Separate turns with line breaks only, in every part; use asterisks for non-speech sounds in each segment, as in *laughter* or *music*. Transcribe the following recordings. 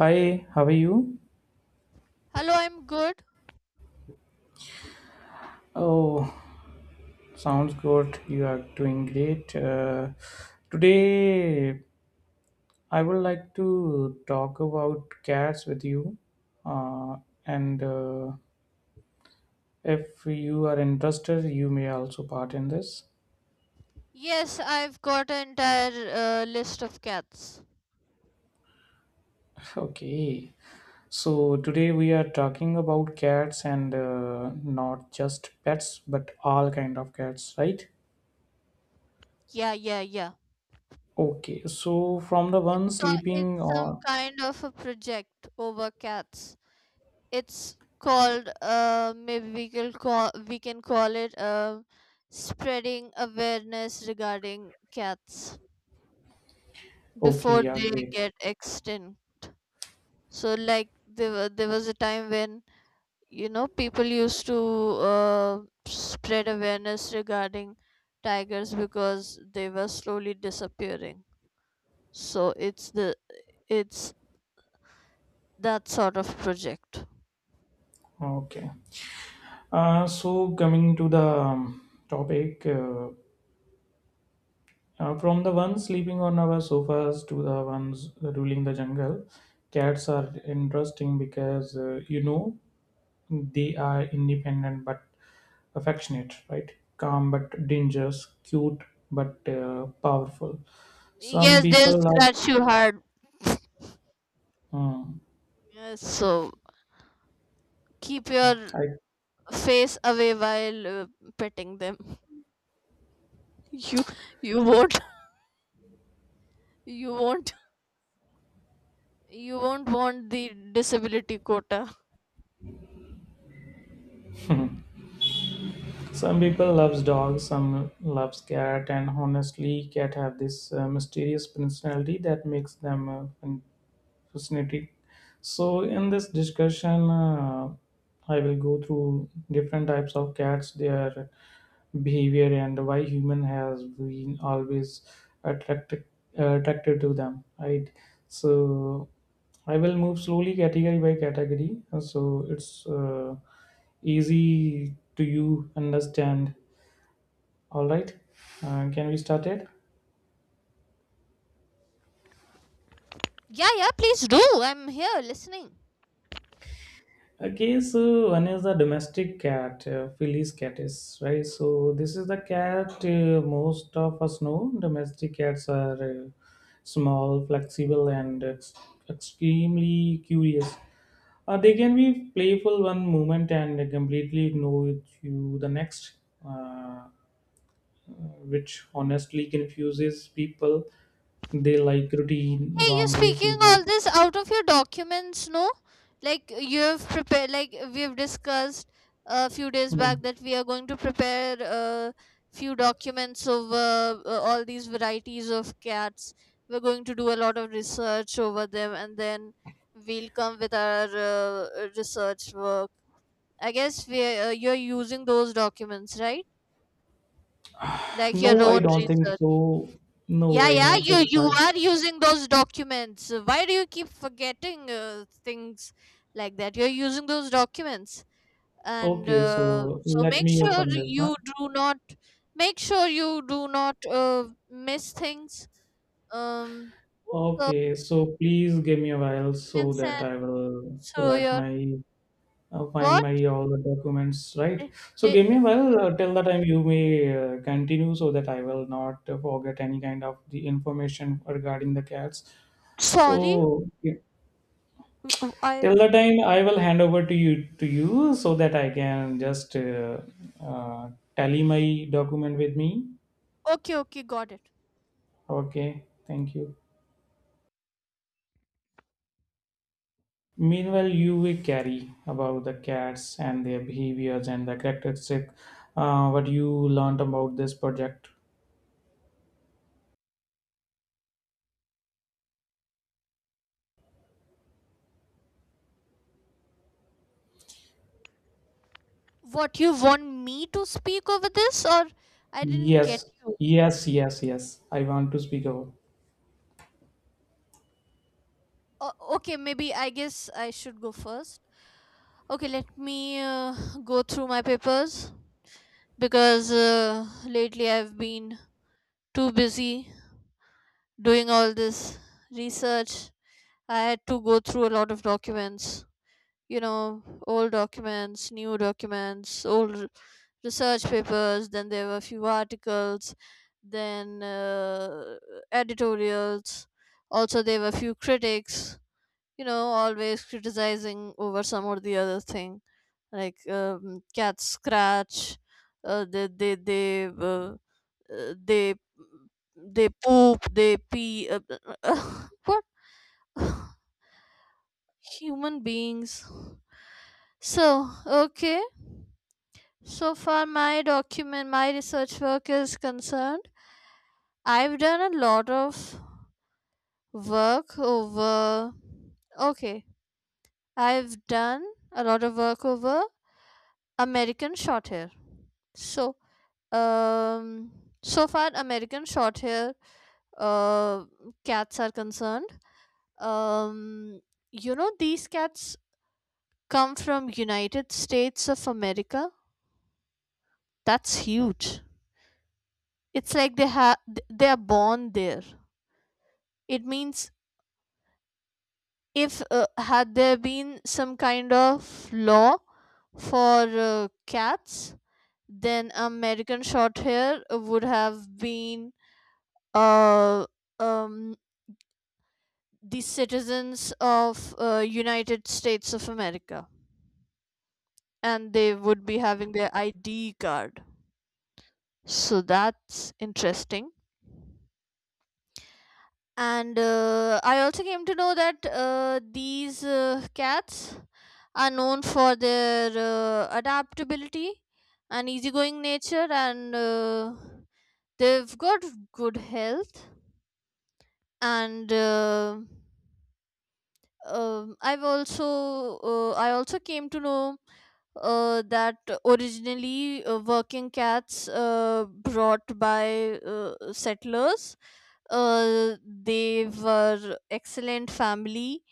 Hi, how are you?
Hello, I'm good.
Oh, sounds good. You are doing great. Today, I would like to talk about cats with you. Uh, and If you are interested, you may also part in this.
Yes, I've got an entire list of cats.
*laughs* Okay. So, today we are talking about cats and not just pets, but all kind of cats, right?
Yeah, yeah, yeah.
Okay. So, from the one
It's a,
sleeping
it's some
or...
kind of a project over cats. It's called, maybe we can call it spreading awareness regarding cats
Okay,
before
yeah,
they
great.
get extinct. So, like, there was a time when, you know, people used to uh, spread awareness regarding tigers because they were slowly disappearing, so it's that sort of project.
Okay. So coming to the topic, from the ones sleeping on our sofas to the ones ruling the jungle, cats are interesting because they are independent but affectionate, right? Calm but dangerous, cute but powerful. Some
Yes, they'll
people love.
scratch you hard.
Um,
Yes, so keep your
I
face away while petting them. *laughs* you you won't you won't you won't want the disability quota.
Some people loves dogs, some loves cat, and honestly cat have this mysterious personality that makes them fascinating. So, in this discussion, I will go through different types of cats, their behavior, and why human has been always attracted attracted to them. Right. So, I will move slowly category by category, so it's easy to you understand. All right. Can we start it?
Yeah, yeah, please do. I'm here listening.
Okay, so one is the domestic cat, Philly's catis, right? So this is the cat most of us know. Domestic cats are small, flexible, and extremely curious. They can be playful one moment and completely ignore you the next, uh, which honestly confuses people. They like routine,
Hey, you are
warm
speaking
places,
all
and
this out of your documents, no? Like, you have prepared, like we have discussed a few days
hmm.
back that we are going to prepare a few documents over all these varieties of cats. We're going to do a lot of research over them, and then we'll come with our research work. I guess we you're using those documents, right? Like, your
No, I
own
don't think
research.
so. No,
Yeah,
I
yeah,
don't
you
think I.
you are using those documents. Why do you keep forgetting things like that? You're using those documents, and
Okay, so
so
let
make
me
sure
open this. Huh?
you do not make sure you do not miss things. Um,
Okay, so please give me a while so
documents, and
that I will
so
let
your
my find
what?
my all the documents,
Di-
right? So
di-
give me
di-
a while till the time you may continue, so that I will not forget any kind of the information regarding the cats.
Sorry,
So yeah,
I —
till the time I will hand over to you, so that I can just uh, tally my document with me.
okay, okay, got it.
Okay, thank you. Meanwhile, you will carry about the cats and their behaviors and the characteristics, what you learned about this project.
What you want me to speak over this, or I didn't get
Yes,
you?
yes, yes, yes. I want to speak about.
Okay, maybe I guess I should go first. Okay, let me go through my papers because lately I've been too busy doing all this research. I had to go through a lot of documents, you know, old documents, new documents, research papers, then there were a few articles, then editorials. Also, there were a few critics, you know, always criticizing over some or the other thing, like cats scratch, uh, they they they uh, uh, they they poop, they pee, *laughs* what, human beings. So, okay. So far my document my research work is concerned, I've done a lot of work over okay, I've done a lot of work over American short hair. So, um, so far American short hair uh, cats are concerned. Um, you know, these cats come from United States of America. That's huge. It's like they are born there. It means, if had there been some kind of law for cats, then American short hair would have been, uh, um, the citizens of United States of America, and they would be having their ID card. So that's interesting. And I also came to know that these cats are known for their adaptability and easygoing nature, and they've got good health and. I also came to know that, originally, working cats brought by settlers, they were excellent family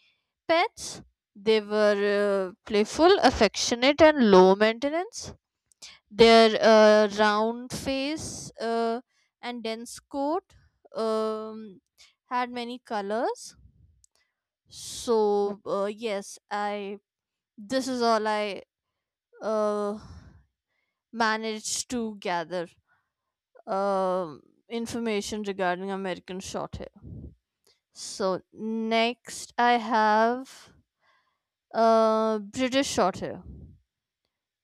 pets. They were playful, affectionate, and low maintenance. Their round face and dense coat um, had many colors. So, yes, I this is all I uh, managed to gather um information regarding American short hair. So next I have British short hair.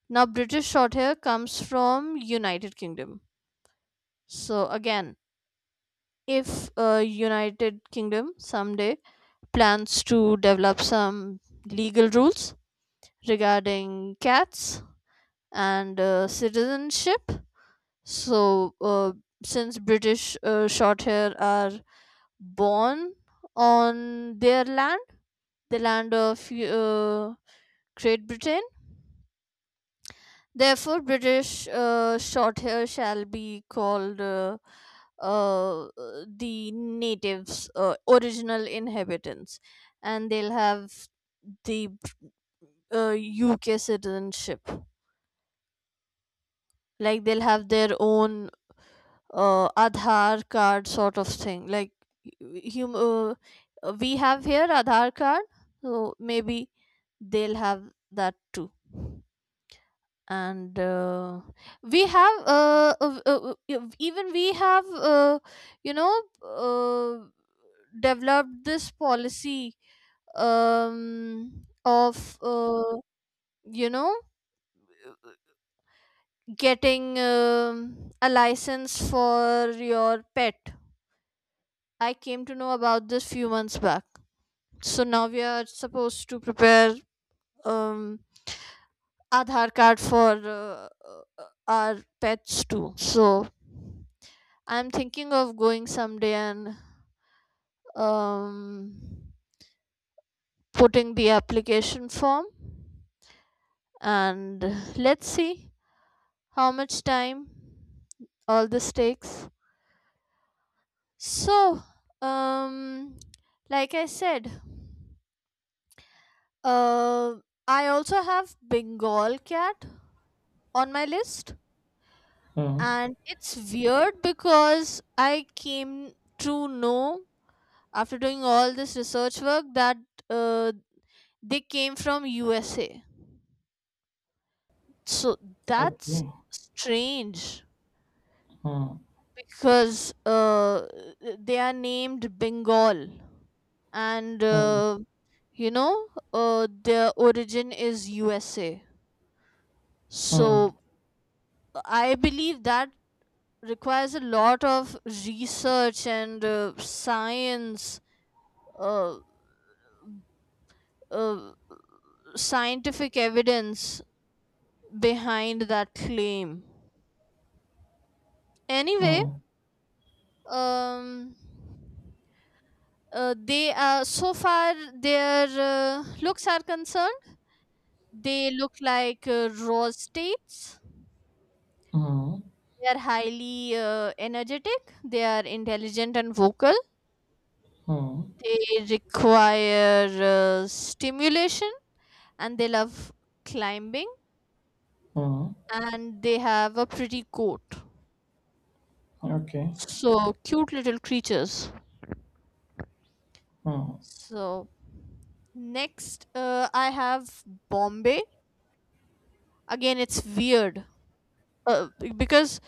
Now, British short hair comes from United Kingdom. So again, if United Kingdom someday plans to develop some legal rules regarding cats and citizenship. So, since British short hair are born on their land, the land of Great Britain, therefore, British short hair shall be called, uh, the natives, original inhabitants, and they'll have the UK citizenship. Like, they'll have their own Aadhaar card, sort of thing. Like, hum- uh, we have here Aadhaar card, so maybe they'll have that too. And we have even we have, you know, developed this policy of, you know getting a license for your pet. I came to know about this few months back. So now we are supposed to prepare um Aadhaar card for our pets too. So, I'm thinking of going someday and um putting the application form, and let's see how much time all this takes. So, um like I said, uh, I also have Bengal cat on my list,
Hmm.
and it's weird because I came to know, after doing all this research work, that uh, they came from USA. So that's
Okay.
strange,
Hmm.
because they are named Bengal, and,
Hmm.
you know their origin is USA.
Hmm.
So, I believe that requires a lot of research and science — uh, uh, scientific evidence behind that claim. Anyway,
Hmm.
um, they are so far their looks are concerned, they look like raw states.
Hmm.
They are highly energetic. They are intelligent and vocal.
Hmm.
They require stimulation, and they love climbing,
Hmm.
and they have a pretty coat.
Okay.
So, cute little creatures.
Hmm.
So next, I have Bombay. Again, it's weird, because,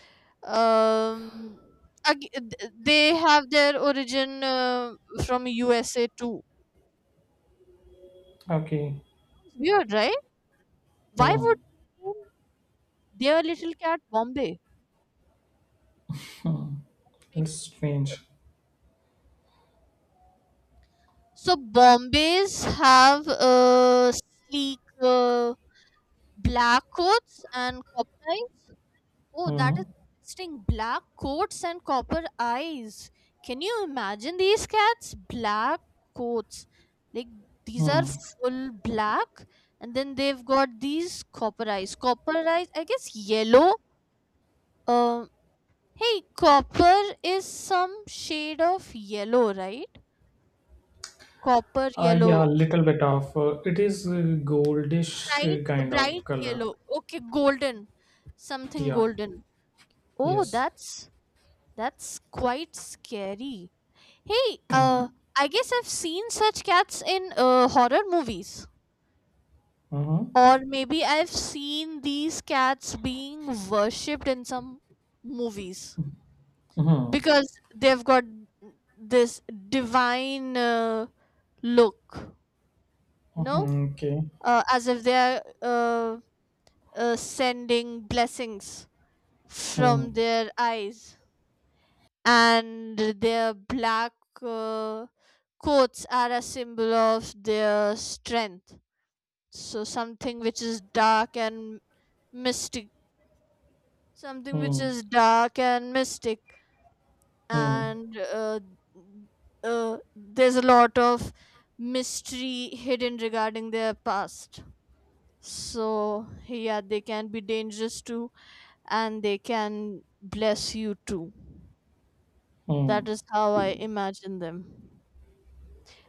um, they have their origin from USA too.
Okay.
Weird, right? Why would
Hmm.
they name their little cat Bombay?
Hmm.
Makes —
It's strange.
so Bombays have sleek, black coats and copper. Oh, that
Hmm.
is interesting. Black coats and copper eyes. Can you imagine these cats? Black coats. Like, these are
Hmm.
full black, and then they've got these copper eyes. Copper eyes, I guess, yellow. Um hey, copper is some shade of yellow, right? Copper
Yeah, a
yellow.
little bit of. It is goldish,
Bright
kind of
bright
color.
yellow. Okay, golden. Something
Yeah.
golden. Oh,
Yes.
that's quite scary. Hey,
Uh
I guess I've seen such cats in horror movies.
Mm-hmm.
Or maybe I've seen these cats being worshipped in some movies,
Mm-hmm.
because they've got this divine look, you know,
Mm-hmm. Okay.
as if they're, sending blessings
Hmm.
from their eyes, and their black uh, coats are a symbol of their strength. So, something which is dark and mystic, something which
Hmm.
is dark and mystic,
Hmm.
and, there's a lot of mystery hidden regarding their past. So, yeah, they can be dangerous too, and they can bless you too. That
Hmm.
is how I imagine them.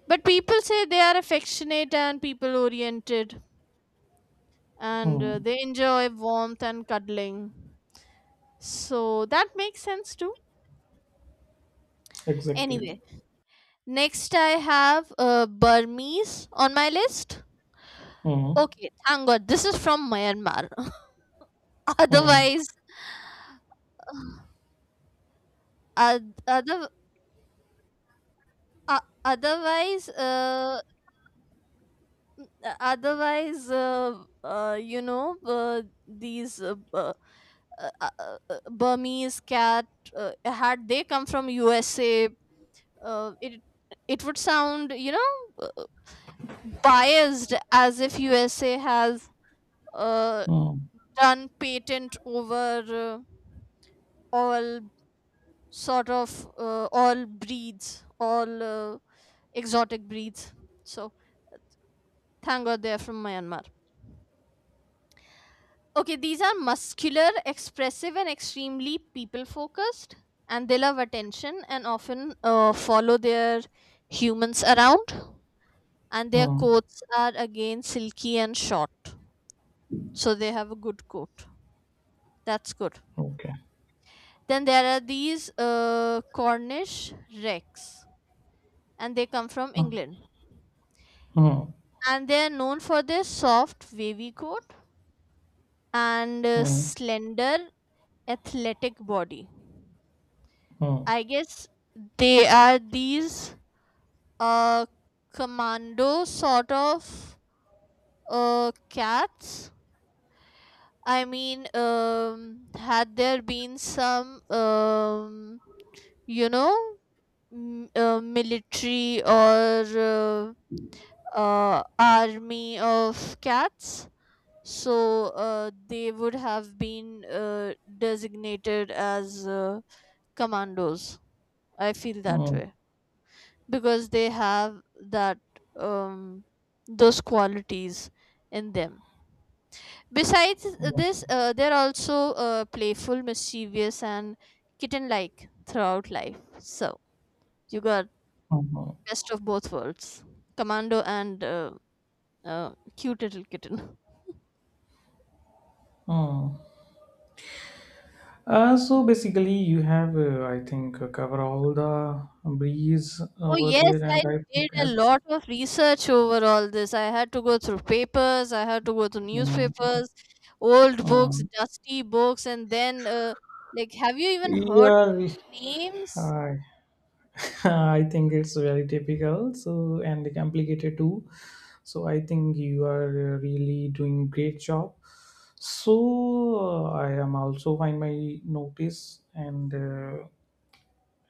But people say they are affectionate and people oriented, and
Hmm.
they enjoy warmth and cuddling. So that makes sense too.
Exactly.
Anyway, next I have Burmese on my list.
Hmm.
Okay, thank God, this is from Myanmar. *laughs*
Hmm.
otherwise, oth- other, otherwise, n- otherwise, you know, these Burmese cat, had they come from USA, uh, it it would sound, you know, uh, biased, as if USA has uh,
Hmm.
done patent over all sort of all breeds, all exotic breeds. So, thank God they are from Myanmar. Okay, these are muscular, expressive, and extremely people focused, and they love attention and often follow their humans around. And their
Hmm.
coats are again silky and short, so they have a good coat. That's good.
Okay.
Then there are these Cornish Rex, and they come from
Hmm.
England.
Hmm.
And they are known for their soft, wavy coat and
Hmm.
slender, athletic body.
Hmm.
I guess they are these uh commando sort of cats. I mean, had there been some, you know, military or army of cats, so they would have been designated as commandos. I feel that
Mm.
way because they have that um, those qualities in them. Besides
Mm.
this, they're also playful, mischievous, and kitten like throughout life. So, you got
Hmm.
best of both worlds — commando and, cute little kitten. *laughs*
Mm. So basically, you have, I think, cover all the breeze
Oh,
over
yes,
there,
I
and I
did
think
a
that's.
lot of research over all this. I had to go through papers, I had to go through
Mm.
newspapers, old books,
Mm.
dusty books, and then, like, have you even heard
Yeah,
names?
I *laughs* I think it's very typical, so and complicated too. So I think you are really doing great job. So I am also find my notice, and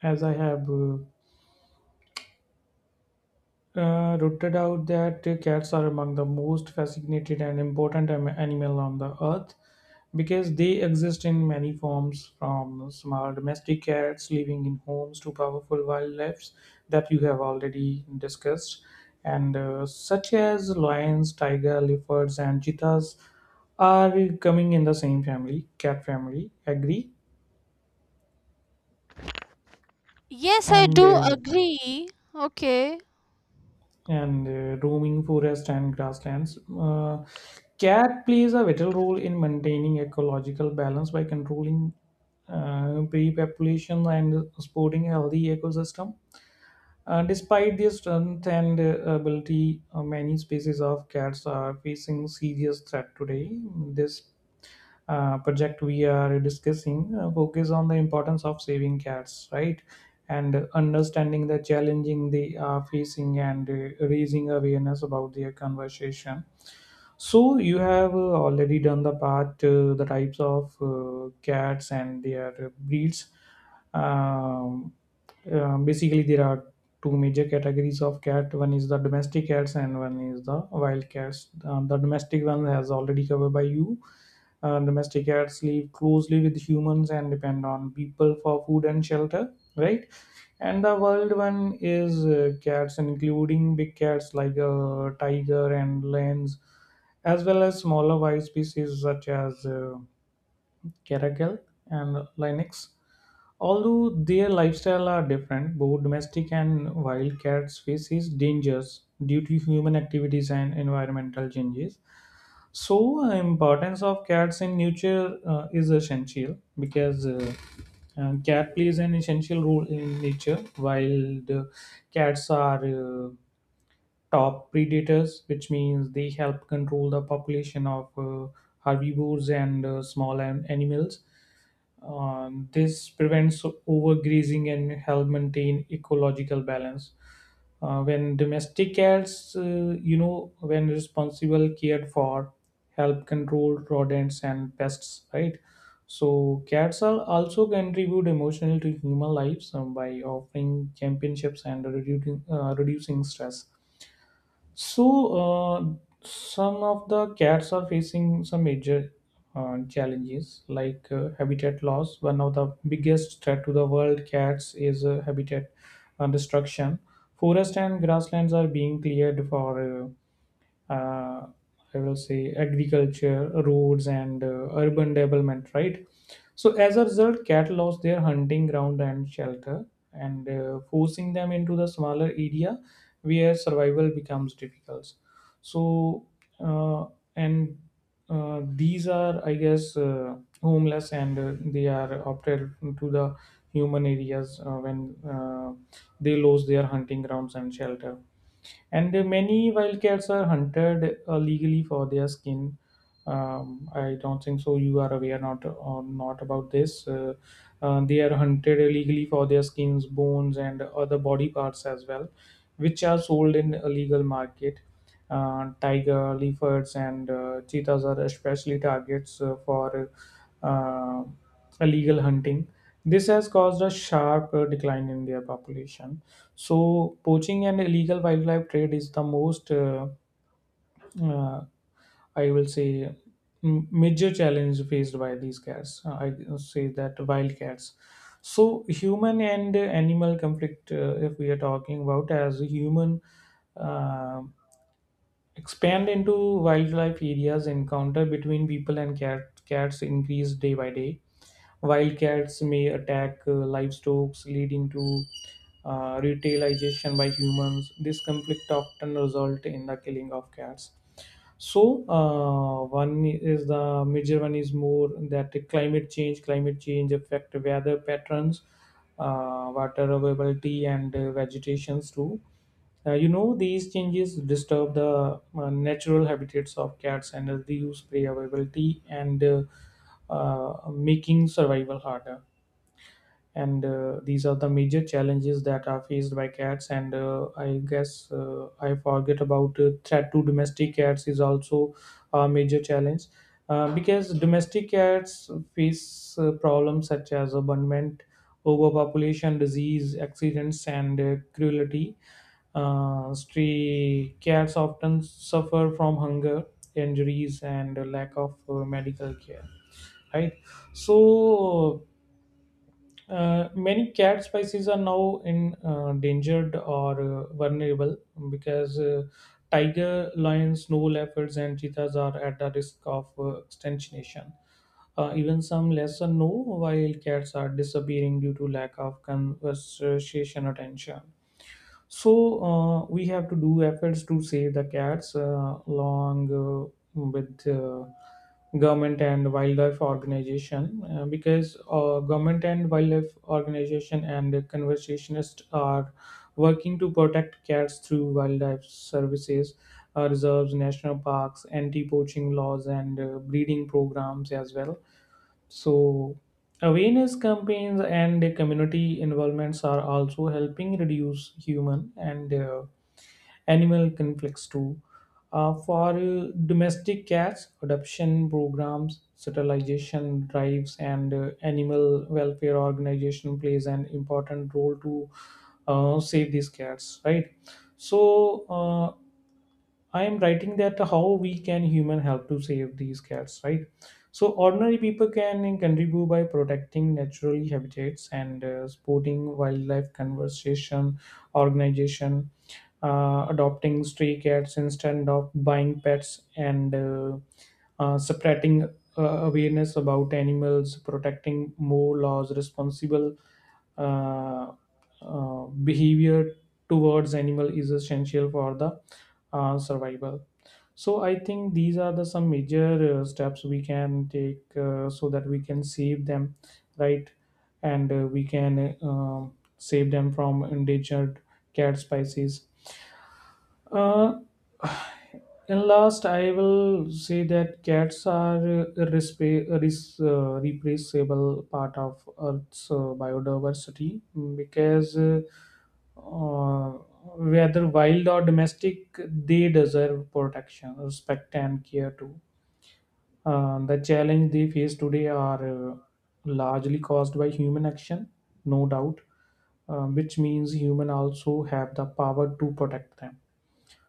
as I have rooted out that cats are among the most fascinated and important animal on the earth, because they exist in many forms, from small domestic cats living in homes to powerful wildlife that you have already discussed, and such as lions, tiger, leopards, and cheetahs are coming in the same family, cat family, agree,
Yes, I
and
do agree. Okay.
roaming forest and grasslands. Cat plays a vital role in maintaining ecological balance by controlling pre-population and supporting healthy ecosystem. Despite their strength and ability, many species of cats are facing serious threat today. This project we are discussing focus on the importance of saving cats, right, and understanding the challenging they are facing and raising awareness about their conversation. So you have already done the part, the types of cats and their breeds. Um, Basically, there are two major categories of cat. One is the domestic cats, and one is the wild cats. The domestic one has already covered by you. Domestic cats live closely with humans and depend on people for food and shelter, right? And the wild one is cats, including big cats like a tiger and lions, as well as smaller wild species such as caracal and lynx. Although their lifestyle are different, both domestic and wild cats faces dangers due to human activities and environmental changes. So, importance of cats in nature is essential, because cat plays an essential role in nature, while the cats are top predators, which means they help control the population of herbivores and small animals. This prevents overgrazing and help maintain ecological balance. When domestic cats, when responsible cared for, help control rodents and pests, right? So cats are also contribute emotionally to human lives, by offering championships and reducing stress. So, some of the cats are facing some major challenges like habitat loss. One of the biggest threat to the world cats is habitat destruction. Forest and grasslands are being cleared for uh, I will say agriculture, roads, and urban development, right? So as a result, cat lost their hunting ground and shelter, and forcing them into the smaller area where survival becomes difficult. So uh, and these are, I guess, homeless, and they are opted to the human areas when they lose their hunting grounds and shelter. And many wildcats are hunted legally for their skin. I don't think so. You are aware not or not about this. They are hunted illegally for their skins, bones, and other body parts as well, which are sold in illegal market. Tiger, leopards, and cheetahs are especially targets for uh, illegal hunting. This has caused a sharp decline in their population. So, poaching and illegal wildlife trade is the most, uh, I will say, major challenge faced by these cats. I say that wild cats. So, human and animal conflict, if we are talking about as human, uh, expand into wildlife areas, encounter between people and cats increase day by day. Wild cats may attack livestock, leading to retailization by humans. This conflict often result in the killing of cats. So one is the major, one is more that the climate change. Climate change affect weather patterns, water availability, and vegetations too. These changes disturb the natural habitats of cats and reduce prey availability, and making survival harder. And these are the major challenges that are faced by cats, and I guess I forget about threat to domestic cats is also a major challenge, because domestic cats face problems such as abandonment, overpopulation, disease, accidents, and cruelty. Stray cats often suffer from hunger, injuries, and lack of medical care, right? So many cat species are now in endangered or vulnerable, because tiger, lions, snow leopards, and cheetahs are at the risk of extinction. Even some lesser known wild cats are disappearing due to lack of conservation attention. So we have to do efforts to save the cats, along with government and wildlife organization, because government and wildlife organization and the conservationists are working to protect cats through wildlife services, reserves, national parks, anti-poaching laws, and breeding programs as well. So, awareness campaigns and community involvements are also helping reduce human and animal conflicts too. For domestic cats, adoption programs, sterilization drives, and animal welfare organization plays an important role to save these cats, right? So, I am writing that how we can human help to save these cats, right? So ordinary people can contribute by protecting natural habitats and supporting wildlife conservation organization, adopting stray cats instead of buying pets, and spreading awareness about animals, protecting more laws responsible. Uh, Behavior towards animal is essential for the survival. So I think these are the some major steps we can take, so that we can save them, right, and we can save them from endangered cat species. uh, and last, I will say that cats are a replaceable part of Earth's biodiversity, because uh, whether wild or domestic, they deserve protection, respect, and care too. The challenge they face today are largely caused by human action, no doubt, which means human also have the power to protect them.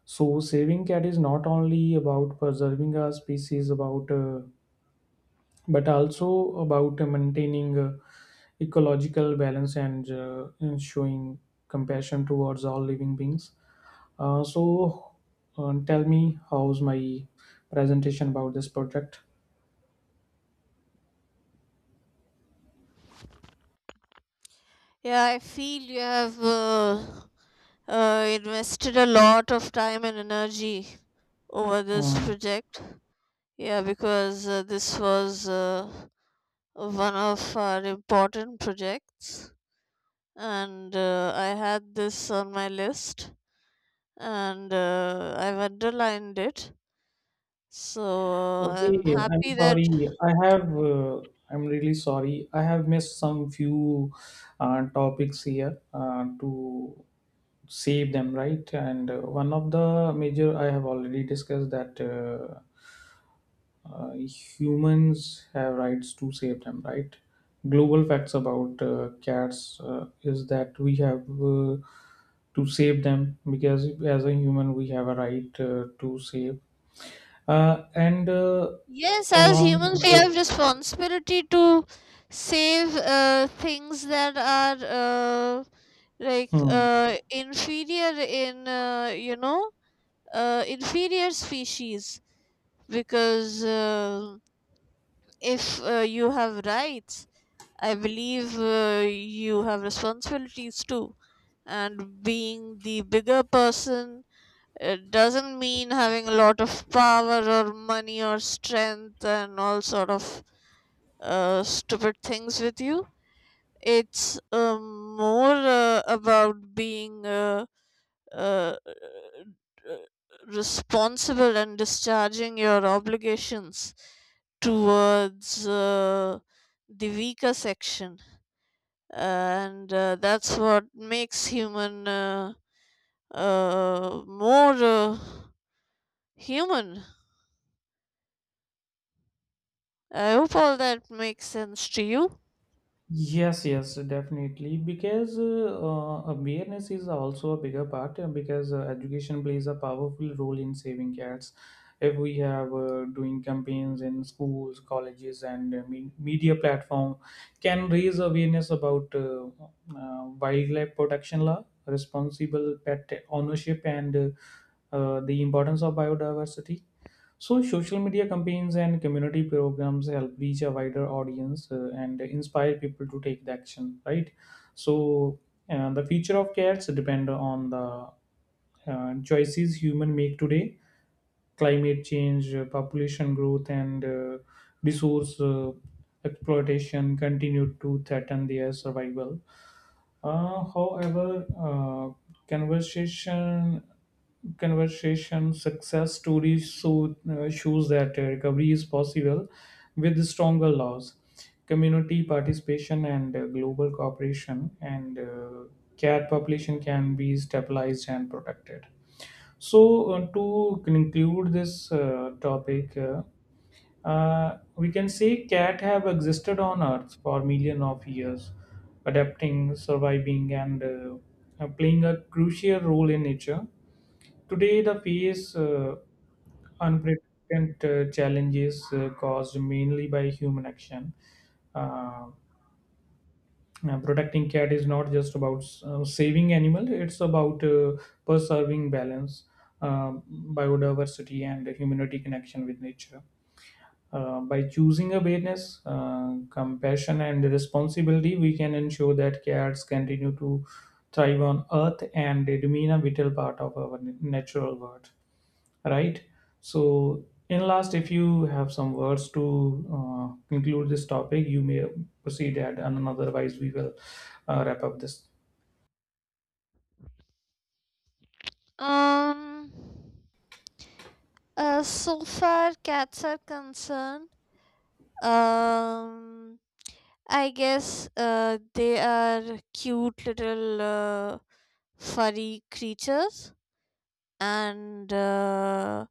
So saving cat is not only about preserving our species, about but also about maintaining ecological balance and and showing compassion towards all living beings. So tell me, how's my presentation about this project?
Yeah, I feel you have invested a lot of time and energy over this
Um,
project. Yeah, because this was, one of our important projects. And I had this on my list, and I've underlined it. So I'm
okay, I'm
happy that.
sorry. I have. I'm really sorry. I have missed some few topics here to save them, right, and one of the major I have already discussed, that humans have rights to save them, right. Global facts about cats is that we have to save them, because as a human we have a right to save, and
Yes, as
along
humans, we
with,
have responsibility to save things that are, uh, like,
hmm.
inferior in, inferior species, because if you have rights, I believe you have responsibilities too. And being the bigger person, it doesn't mean having a lot of power or money or strength, and all sort of stupid things with you. It's more about being, uh, responsible and discharging your obligations towards the weaker section, and that's what makes human more human. I hope all that makes sense to you.
Yes, yes, definitely. Because awareness is also a bigger part, because education plays a powerful role in saving cats. If we have doing campaigns in schools, colleges, and media platform, can raise awareness about wildlife protection law, responsible pet ownership, and the importance of biodiversity. So, social media campaigns and community programs help reach a wider audience and inspire people to take the action, right? So, the future of cats depend on the choices human make today. Climate change, population growth, and resource exploitation continue to threaten their survival. However, conversation conversation success stories, so, shows that recovery is possible with stronger laws, community participation, and global cooperation. And cat population can be stabilized and protected. So, to conclude this topic, we can say cat have existed on Earth for millions of years, adapting, surviving, and playing a crucial role in nature. Today, the face unprecedented challenges caused mainly by human action. Uh, yeah, protecting cat is not just about saving animal; it's about preserving balance, um biodiversity, and humanity connection with nature. By choosing awareness, compassion, and responsibility, we can ensure that cats continue to thrive on Earth and remain a vital part of our natural world, right. So in last, if you have some words to conclude this topic, you may proceed at, and otherwise we will wrap up this.
Um, so far cats are concerned, um, I guess they are cute little furry creatures, and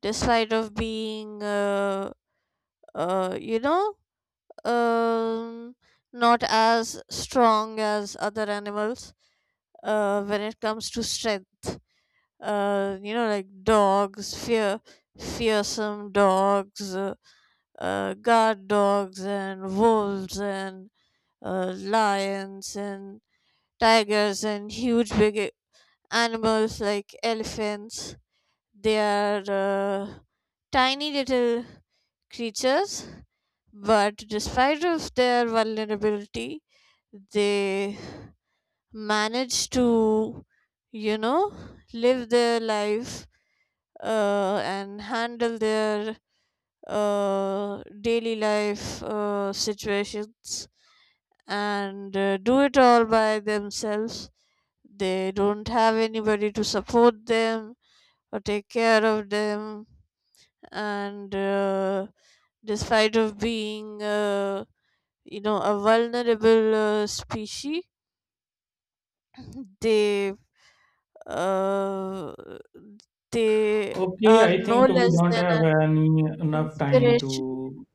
despite of being, uh, you know um, not as strong as other animals when it comes to strength. You know, like dogs, fearsome dogs, guard dogs, and wolves, and lions, and tigers, and huge big animals like elephants. They are uh, tiny little creatures, but, despite of their vulnerability, they manage to, you know, live their life and handle their daily life situations, and do it all by themselves. They don't have anybody to support them or take care of them. And despite of being, you know, a vulnerable species, they uh, they
Okay,
are
I
no
think we
less
don't
than
have
an
any enough time
inspiration.
to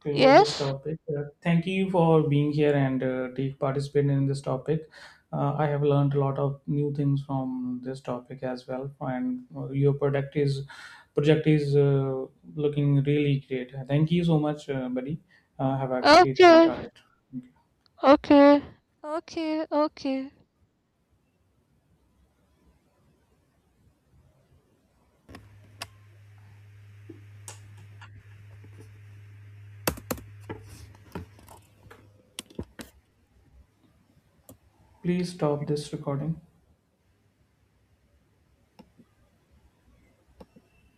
close this
Yes.
topic. Thank you for being here and take participating in this topic. I have learned a lot of new things from this topic as well, and your product is project is looking really great. Thank you so much, buddy. Have a great day ahead.
Okay. Okay. Okay. Okay.
Please stop this recording.